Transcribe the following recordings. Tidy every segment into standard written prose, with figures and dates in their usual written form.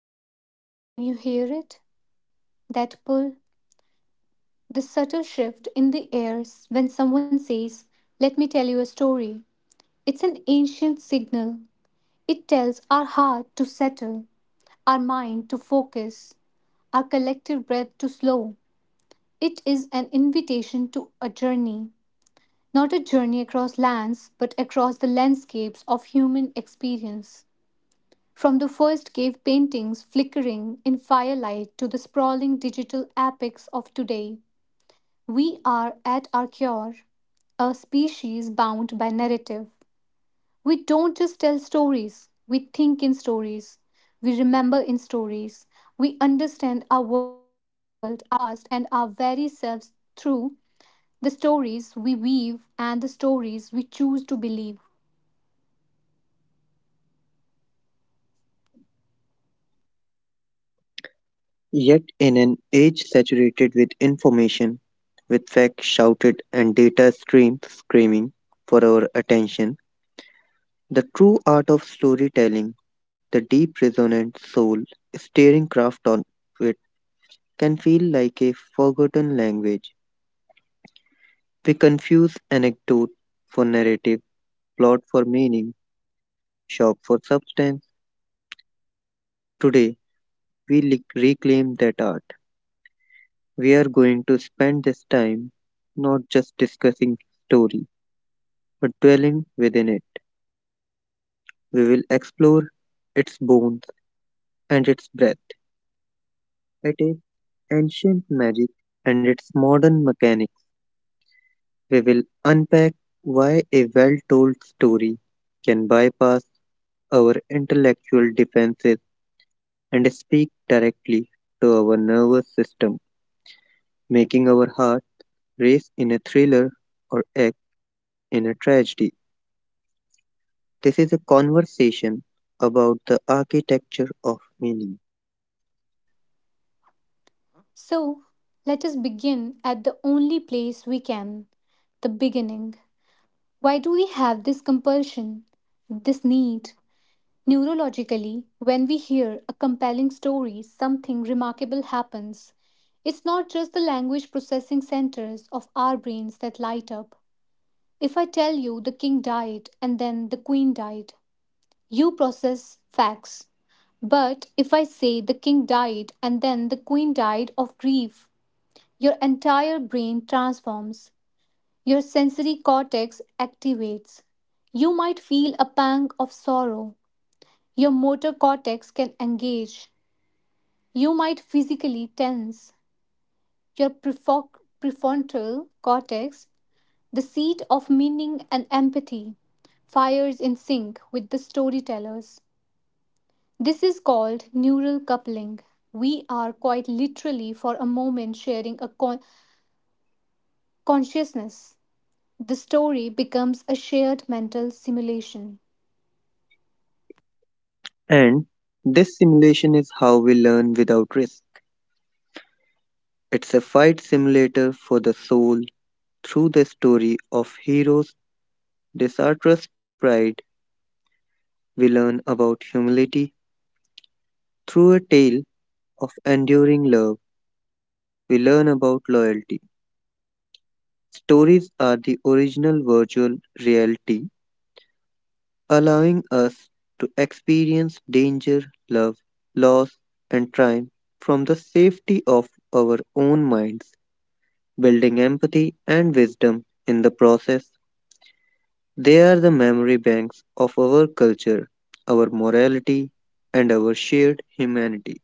Listen, can you hear it? That pull, the subtle shift in the air when someone says, Let me tell you a story. It's an ancient signal. It tells our heart to settle, our mind to focus, our collective breath to slow. It is an invitation to a journey, not a journey across lands, but across the landscapes of human experience. From the first cave paintings flickering in firelight to the sprawling digital epics of today, we are at our core a species bound by narrative. We don't just tell stories, we think in stories, we remember in stories, we understand our world, our past, and our very selves through the stories we weave and the stories we choose to believe. Yet, in an age saturated with information, with facts shouted and data streams screaming for our attention, the true art of storytelling, the deep, resonant soul stirring craft on it, can feel like a forgotten language. We confuse anecdote for narrative, plot for meaning, shock for substance. Today, reclaim that art. We are going to spend this time not just discussing stories but dwelling within it. We will explore its bones and its breath, at its ancient magic and its modern mechanics. We will unpack why a well told story can bypass our intellectual defenses and speak directly to our nervous system, making our heart race in a thriller or act in a tragedy. This is a conversation about the architecture of meaning. So, let us begin at the only place we can, the beginning. Why do we have this compulsion, this need? Neurologically, when we hear a compelling story, something remarkable happens. It's not just the language processing centers of our brains that light up. If I tell you the king died and then the queen died, you process facts. But if I say the king died and then the queen died of grief, your entire brain transforms. Your sensory cortex activates. You might feel a pang of sorrow. Your motor cortex can engage. You might physically tense. Your prefrontal cortex, the seat of meaning and empathy, fires in sync with the storytellers. This is called neural coupling. We are quite literally, for a moment, sharing a consciousness. The story becomes a shared mental simulation. And this simulation is how we learn without risk. It's a fight simulator for the soul. Through the story of heroes, Desartra's pride, we learn about humility. Through a tale of enduring love, we learn about loyalty. Stories are the original virtual reality, allowing us to experience danger, love, loss, and triumph from the safety of our own minds, building empathy and wisdom in the process. They are the memory banks of our culture, our morality, and our shared humanity.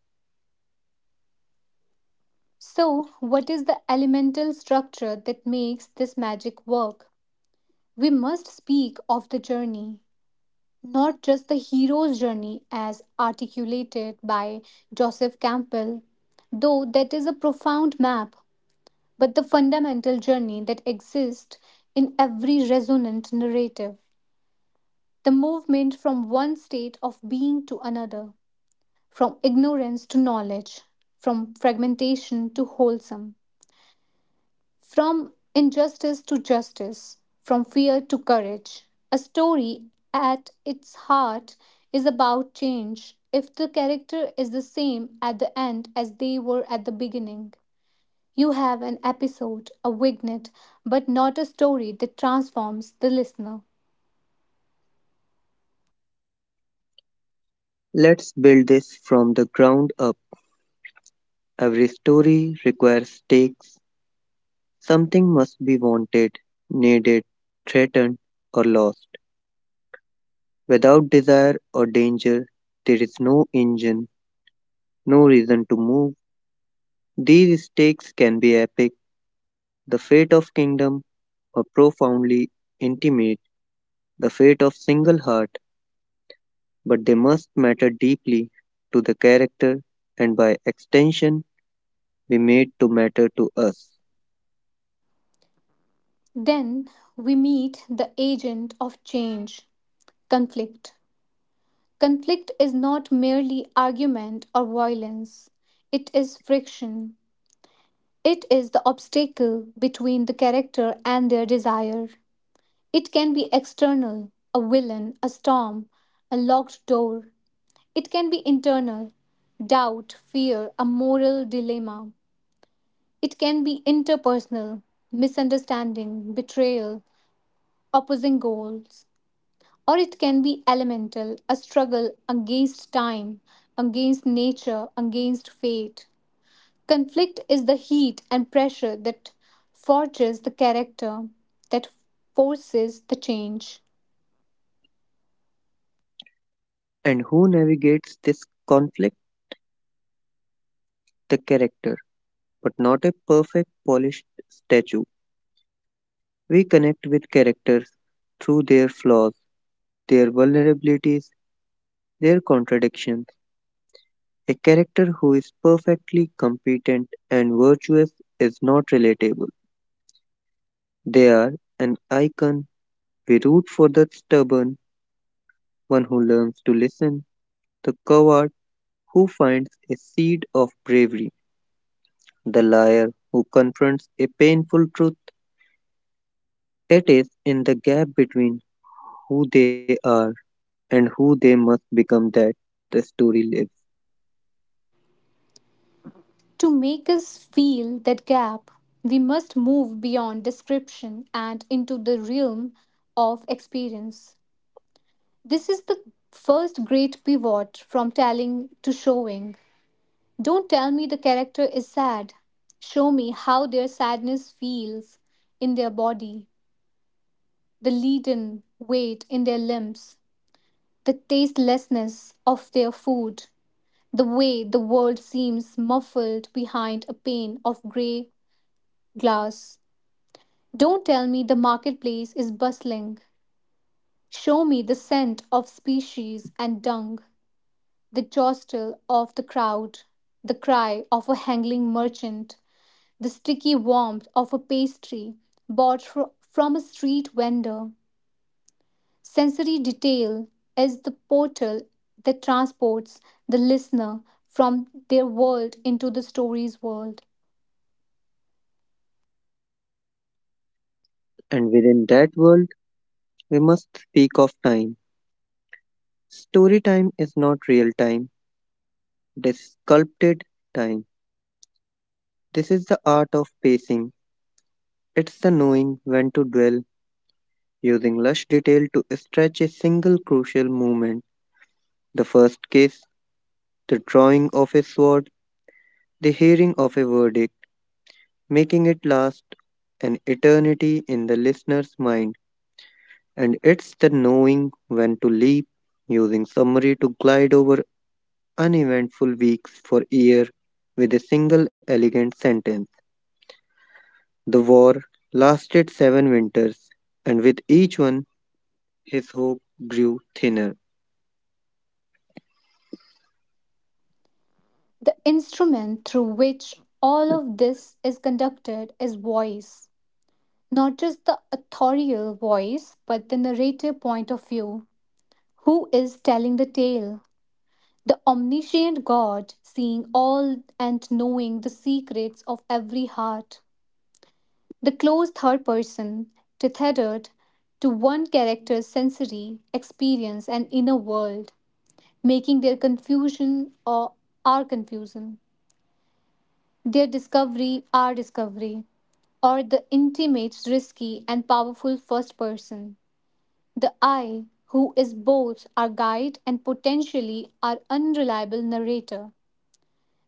So, what is the elemental structure that makes this magic work? We must speak of the journey, not just the hero's journey as articulated by Joseph Campbell, though that is a profound map, but the fundamental journey that exists in every resonant narrative, the movement from one state of being to another, from ignorance to knowledge, from fragmentation to wholesome, from injustice to justice, from fear to courage. A story at its heart is about change. If the character is the same at the end as they were at the beginning, you have an episode, a vignette, but not a story that transforms the listener. Let's build this from the ground up. Every story requires stakes. Something must be wanted, needed, threatened, or lost. Without desire or danger, there is no engine, no reason to move. These stakes can be epic, the fate of kingdom, or profoundly intimate, the fate of single heart, but they must matter deeply to the character and by extension be made to matter to us. Then we meet the agent of change, conflict. Conflict is not merely argument or violence, it is friction. It is the obstacle between the character and their desire. It can be external, a villain, a storm, a locked door. It can be internal, doubt, fear, a moral dilemma. It can be interpersonal, misunderstanding, betrayal, opposing goals. Or it can be elemental, a struggle against time, against nature, against fate. Conflict is the heat and pressure that forges the character, that forces the change. And who navigates this conflict? The character, but not a perfect polished statue. We connect with characters through their flaws, their vulnerabilities, their contradictions. A character who is perfectly competent and virtuous is not relatable. They are an icon. We root for the stubborn, one who learns to listen, the coward who finds a seed of bravery, the liar who confronts a painful truth. It is in the gap between who they are and who they must become that the story lives. To make us feel that gap, we must move beyond description and into the realm of experience. This is the first great pivot from telling to showing. Don't tell me the character is sad. Show me how their sadness feels in their body, the leaden weight in their limbs, the tastelessness of their food, the way the world seems muffled behind a pane of grey glass. Don't tell me the marketplace is bustling. Show me the scent of species and dung, the jostle of the crowd, the cry of a hanging merchant, the sticky warmth of a pastry bought from a street vendor. Sensory detail is the portal that transports the listener from their world into the story's world. And within that world, we must speak of time. Story time is not real time, it is sculpted time. This is the art of pacing. It's the knowing when to dwell, using lush detail to stretch a single crucial moment, the first case, the drawing of a sword, the hearing of a verdict, making it last an eternity in the listener's mind, and it's the knowing when to leap, using summary to glide over uneventful weeks for year with a single elegant sentence. The war lasted seven winters, and with each one his hope grew thinner. The instrument through which all of this is conducted is voice, not just the authorial voice, but the narrative point of view. Who is telling the tale? The omniscient God, seeing all and knowing the secrets of every heart. The close third person, tethered to one character's sensory experience and inner world, making their confusion, or our confusion, their discovery our discovery. Or the intimate, risky, and powerful first person, the I, who is both our guide and potentially our unreliable narrator.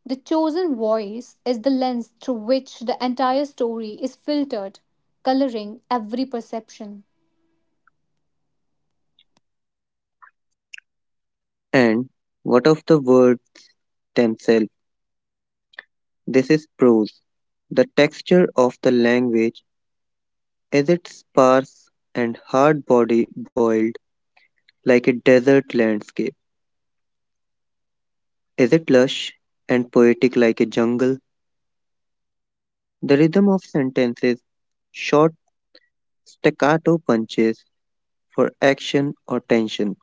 The chosen voice is the lens through which the entire story is filtered, coloring every perception. And what of the words themselves? This is prose. The texture of the language. Is it sparse and hard body boiled like a desert landscape? Is it lush and poetic like a jungle? The rhythm of sentences, short staccato punches for action or tension,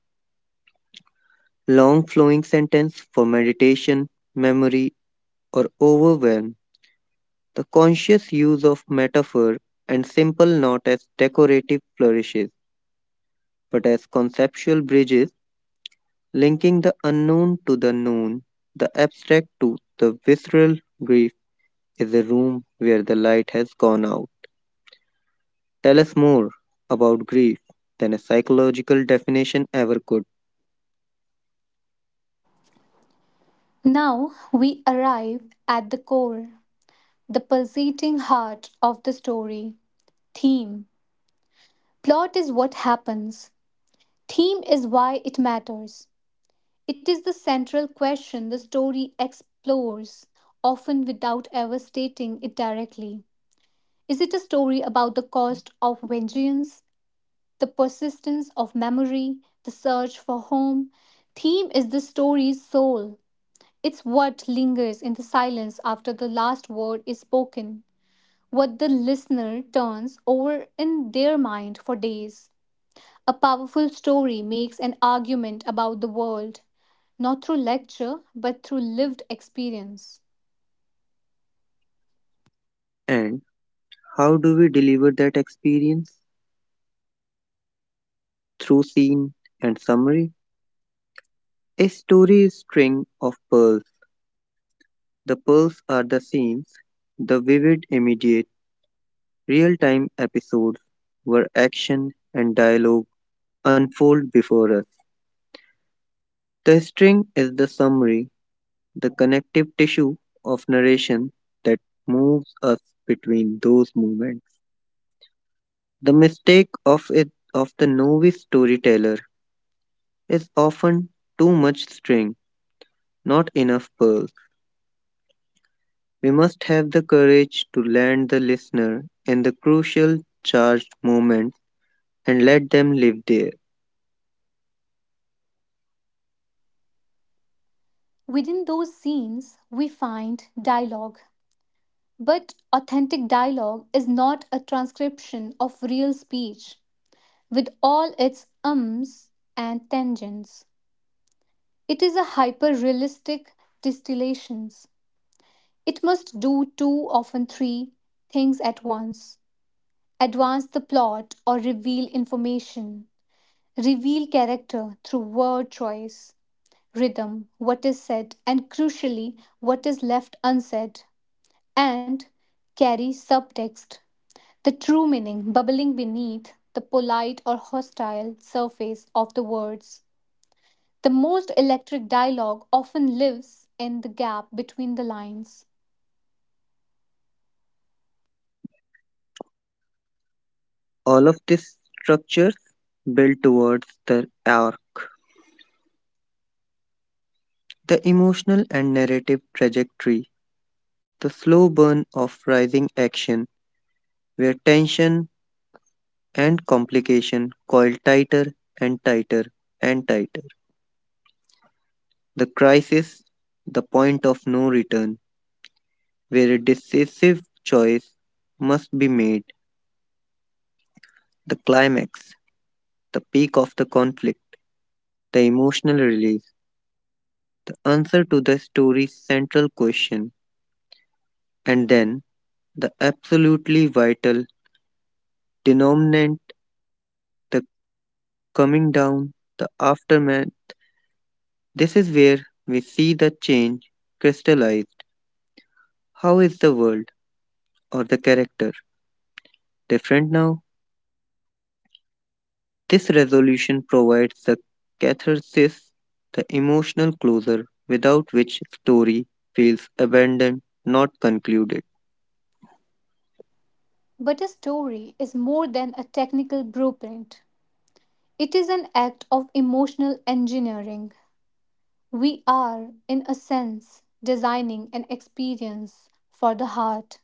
long flowing sentence for meditation, memory, or overwhelm, the conscious use of metaphor and simple not as decorative flourishes but as conceptual bridges linking the unknown to the known, the abstract to the visceral, grief is a room where the light has gone out. Tell us more about grief than a psychological definition ever could. Now we arrive at the core, the pulsating heart of the story, theme. Plot is what happens, theme is why it matters. It is the central question the story explores, often without ever stating it directly. Is it a story about the cost of vengeance, the persistence of memory, the search for home? Theme is the story's soul. It's what lingers in the silence after the last word is spoken, what the listener turns over in their mind for days. A powerful story makes an argument about the world, not through lecture, but through lived experience. And how do we deliver that experience? Through scene and summary? A story is a string of pearls. The pearls are the scenes, the vivid, immediate, real time episodes where action and dialogue unfold before us. The string is the summary, the connective tissue of narration that moves us between those moments. The mistake of the novice storyteller is often too much string, not enough pearls. We must have the courage to land the listener in the crucial charged moments and let them live there. Within those scenes, we find dialogue. But authentic dialogue is not a transcription of real speech, with all its ums and tangents. It is a hyper realistic distillation. It must do two, often three, things at once: advance the plot or reveal information, reveal character through word choice, rhythm, what is said, and crucially, what is left unsaid, and carry subtext, the true meaning bubbling beneath the polite or hostile surface of the words. The most electric dialogue often lives in the gap between the lines. All of these structures build towards the arc. The emotional and narrative trajectory, the slow burn of rising action, where tension and complication coil tighter and tighter and tighter. The crisis, the point of no return, where a decisive choice must be made, the climax, the peak of the conflict, the emotional release, the answer to the story's central question, and then the absolutely vital denominant, the coming down, the aftermath. This is where we see the change crystallized. How is the world or the character different now? This resolution provides the catharsis, the emotional closure without which story feels abandoned, not concluded. But a story is more than a technical blueprint, it is an act of emotional engineering. We are, in a sense, designing an experience for the heart.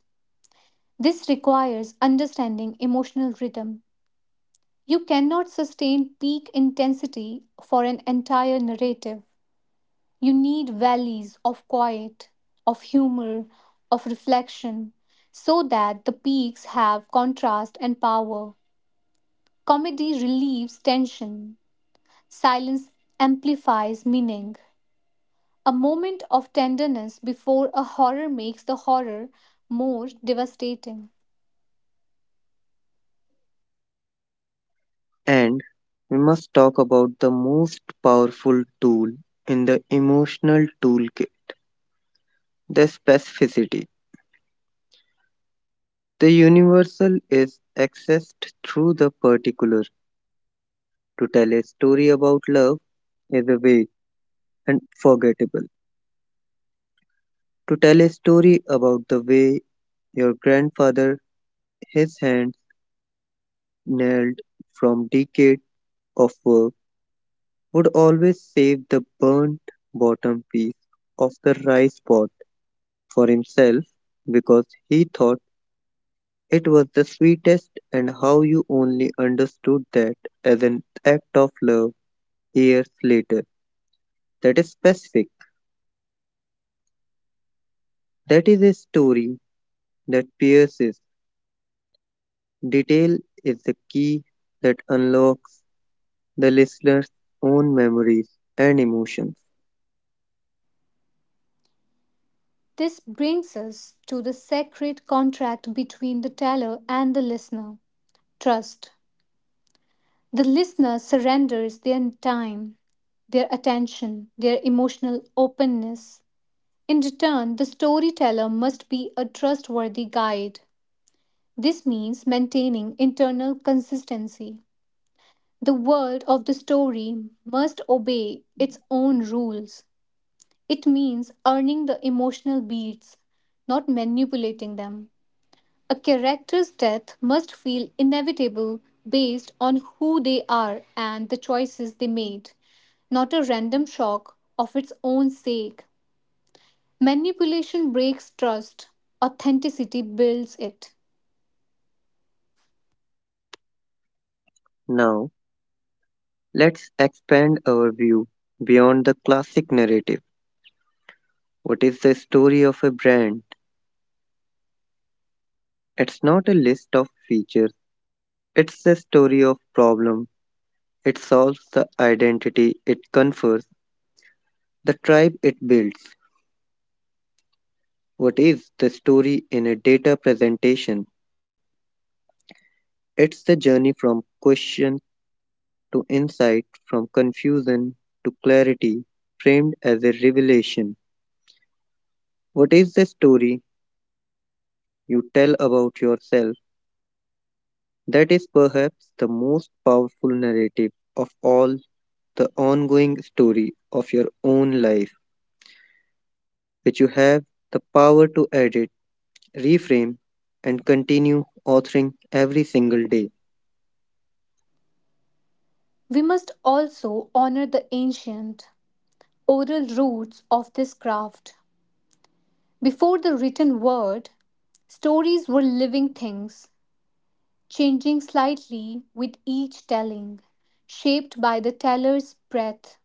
This requires understanding emotional rhythm. You cannot sustain peak intensity for an entire narrative. You need valleys of quiet, of humor, of reflection, so that the peaks have contrast and power. Comedy relieves tension, silence amplifies meaning. A moment of tenderness before a horror makes the horror more devastating. And we must talk about the most powerful tool in the emotional toolkit, the specificity. The universal is accessed through the particular. To tell a story about love is a way and forgettable. To tell a story about the way your grandfather, his hands nailed from decades of work, would always save the burnt bottom piece of the rice pot for himself because he thought it was the sweetest, and how you only understood that as an act of love years later. That is specific. That is a story that pierces. Detail is the key that unlocks the listener's own memories and emotions. This brings us to the sacred contract between the teller and the listener, trust. The listener surrenders their time, their attention, their emotional openness. In return, the storyteller must be a trustworthy guide. This means maintaining internal consistency. The world of the story must obey its own rules. It means earning the emotional beats, not manipulating them. A character's death must feel inevitable based on who they are and the choices they made, not a random shock of its own sake. Manipulation breaks trust, authenticity builds it. Now, let's expand our view beyond the classic narrative. What is the story of a brand? It's not a list of features, it's the story of problem. It solves the identity it confers, the tribe it builds. What is the story in a data presentation? It's the journey from question to insight, from confusion to clarity, framed as a revelation. What is the story you tell about yourself that is perhaps the most powerful narrative of all, the ongoing story of your own life, which you have the power to edit, reframe, and continue authoring every single day? We must also honor the ancient, oral roots of this craft. Before the written word, stories were living things, changing slightly with each telling, shaped by the teller's breath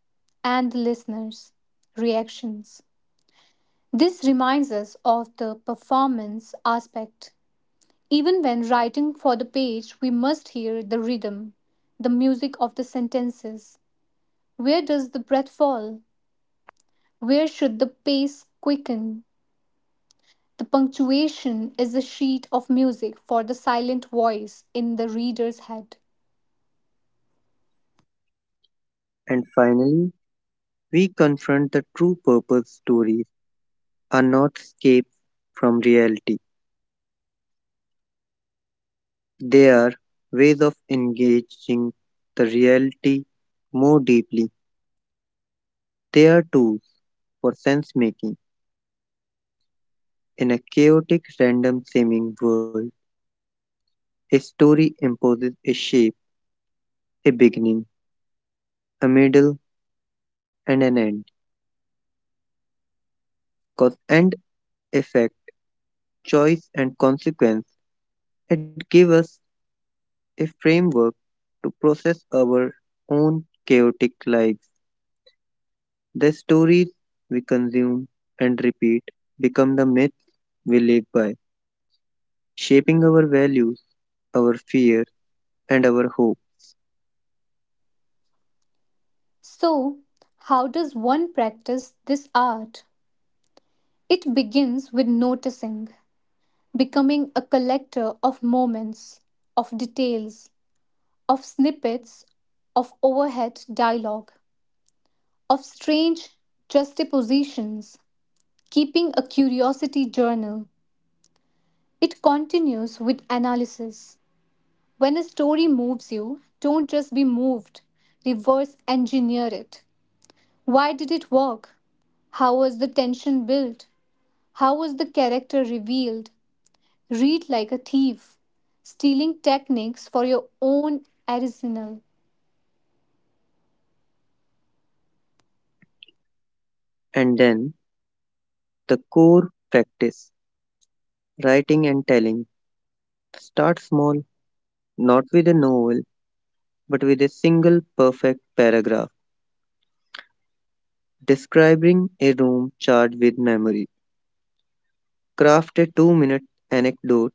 and the listener's reactions. This reminds us of the performance aspect. Even when writing for the page, we must hear the rhythm, the music of the sentences. Where does the breath fall? Where should the pace quicken? The punctuation is a sheet of music for the silent voice in the reader's head. And finally, we confront the true purpose stories are not escapes from reality. They are ways of engaging the reality more deeply. They are tools for sense making. In a chaotic, random seeming world, a story imposes a shape, a beginning, a middle, and an end. Cause and effect, choice and consequence, it gives us a framework to process our own chaotic lives. The stories we consume and repeat become the myths we live by, shaping our values, our fear, and our hope. So, how does one practice this art? It begins with noticing, becoming a collector of moments, of details, of snippets, of overhead dialogue, of strange juxtapositions, keeping a curiosity journal. It continues with analysis. When a story moves you, don't just be moved, reverse engineer it. Why did it work? How was the tension built? How was the character revealed? Read like a thief, stealing techniques for your own arsenal. And then the core practice, writing and telling. Start small, not with a novel, but with a single perfect paragraph describing a room charged with memory. Craft a 2-minute anecdote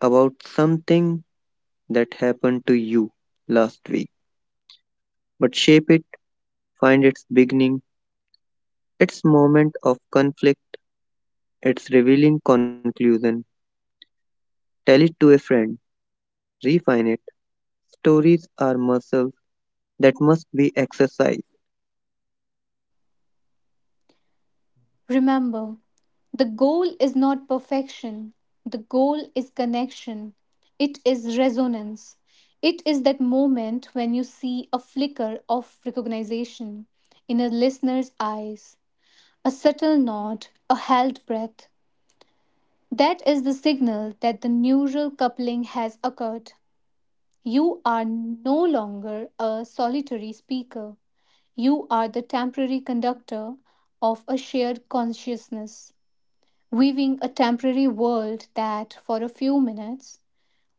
about something that happened to you last week, but shape it, find its beginning, its moment of conflict, its revealing conclusion. Tell it to a friend, refine it. Stories are muscles that must be exercised. Remember, the goal is not perfection, the goal is connection. It is resonance. It is that moment when you see a flicker of recognition in a listener's eyes, a subtle nod, a held breath. That is the signal that the neural coupling has occurred. You are no longer a solitary speaker. You are the temporary conductor of a shared consciousness, weaving a temporary world that, for a few minutes,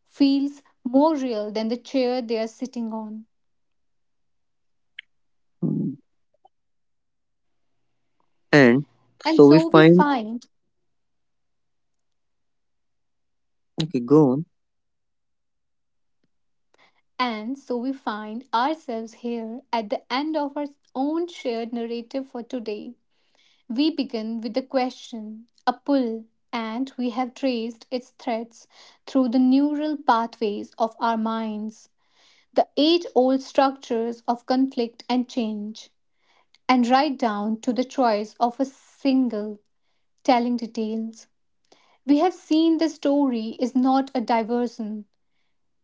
feels more real than the chair they are sitting on. And And so we so we find, find, okay, go on. and so we find ourselves here at the end of our own shared narrative for today. We begin with a question, a pull, and we have traced its threads through the neural pathways of our minds, the age old structures of conflict and change, and right down to the choice of a single telling details. We have seen the story is not a diversion,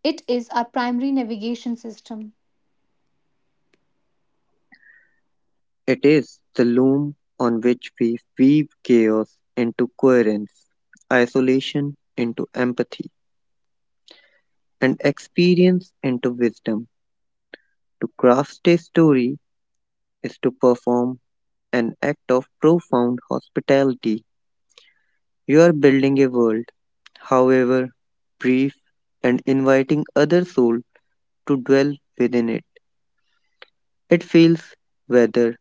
it is our primary navigation system. It is the loom on which we weave chaos into coherence, isolation into empathy, and experience into wisdom. To craft a story is to perform an act of profound hospitality. You are building a world, however brief, and inviting other souls to dwell within it. It feels weather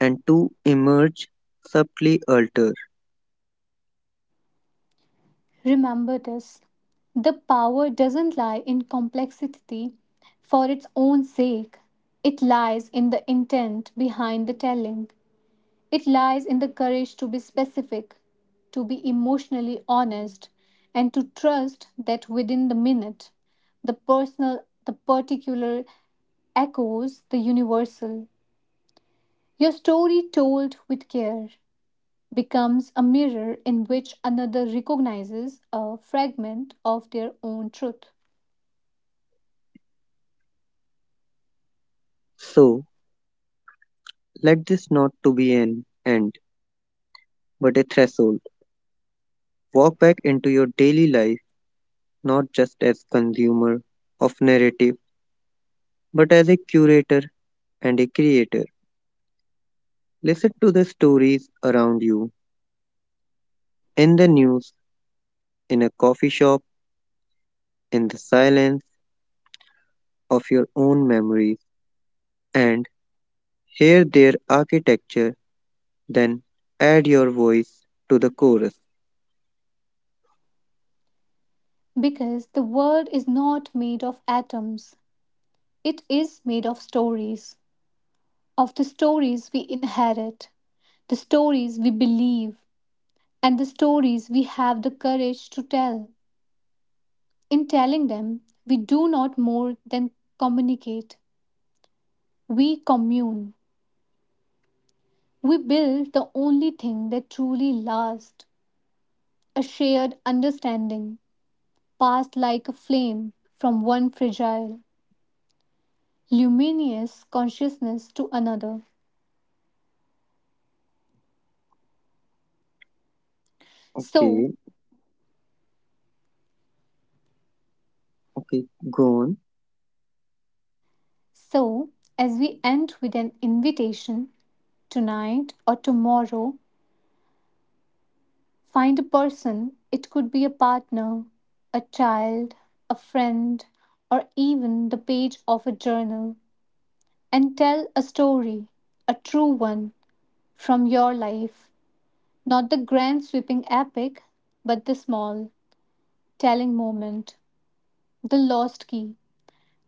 and to emerge subtly alter. Remember this: the power doesn't lie in complexity for its own sake, it lies in the intent behind the telling. It lies in the courage to be specific, to be emotionally honest, and to trust that within the minute, the personal, the particular echoes the universal. Your story, told with care, becomes a mirror in which another recognizes a fragment of their own truth. So let this not to be an end, but a threshold. Walk back into your daily life not just as consumer of narrative, but as a curator and a creator. Listen to the stories around you, in the news, in a coffee shop, in the silence of your own memories, and hear their architecture, then add your voice to the chorus. Because the world is not made of atoms, it is made of stories, of the stories we inherit, the stories we believe, and the stories we have the courage to tell. In telling them, we do not more than communicate, we commune. We build the only thing that truly lasts, a shared understanding passed like a flame from one fragile, luminous consciousness to another. So, Okay, okay, go on. so as we end with an invitation, tonight or tomorrow, find a person. It could be a partner, a child, a friend, or even the page of a journal, and tell a story, a true one from your life, not the grand sweeping epic, but the small, telling moment. The lost key,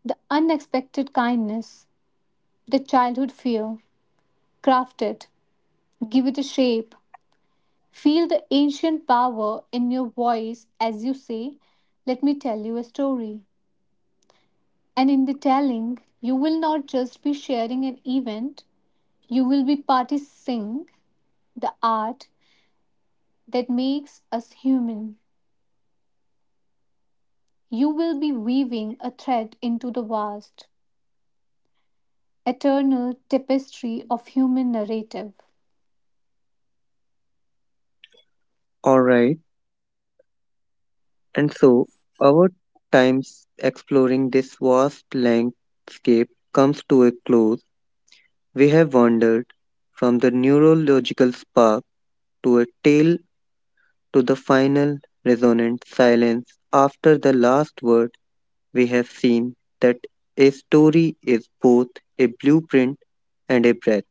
the unexpected kindness, the childhood fear. Craft it, give it a shape. Feel the ancient power in your voice as you say, Let me tell you a story. And in the telling, you will not just be sharing an event, you will be practicing the art that makes us human. You will be weaving a thread into the vast, eternal tapestry of human narrative. All right. And so, our times exploring this vast landscape comes to a close. We have wandered from the neurological spark to a tale to the final resonant silence. After the last word, we have seen that a story is both a blueprint and a breath,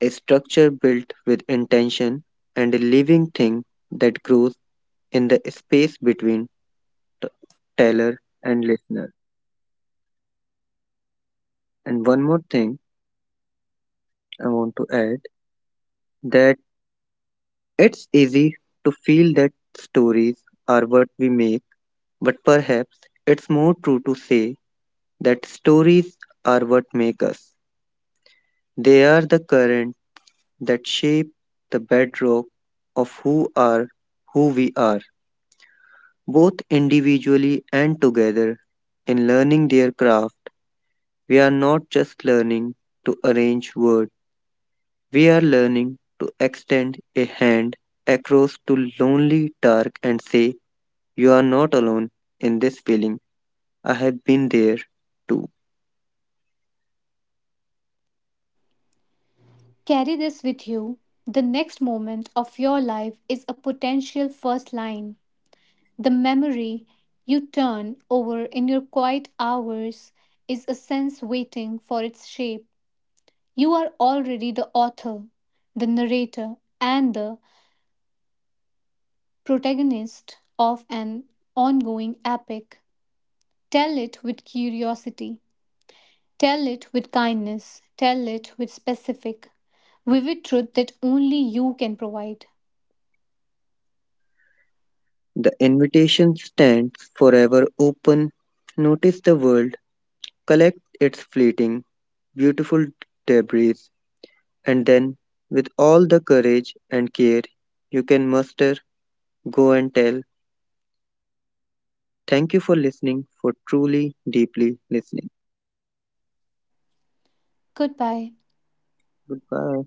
a structure built with intention, and a living thing that grows in the space between t- teller and listener. And one more thing I want to add, that it's easy to feel that stories are what we make, but perhaps it's more true to say that stories are what make us. They are the current that shape the bedrock of who we are, both individually and together. In learning their craft, we are not just learning to arrange words. We are learning to extend a hand across to lonely dark and say, you are not alone in this feeling. I have been there too. Carry this with you. The next moment of your life is a potential first line. The memory you turn over in your quiet hours is a sense waiting for its shape. You are already the author, the narrator, and the protagonist of an ongoing epic. Tell it with curiosity. Tell it with kindness. Tell it with specific, vivid truth that only you can provide. The invitation stands forever open. Notice the world, collect its fleeting, beautiful debris, and then, with all the courage and care you can muster, go and tell. Thank you for listening, for truly, deeply listening. Goodbye. Goodbye.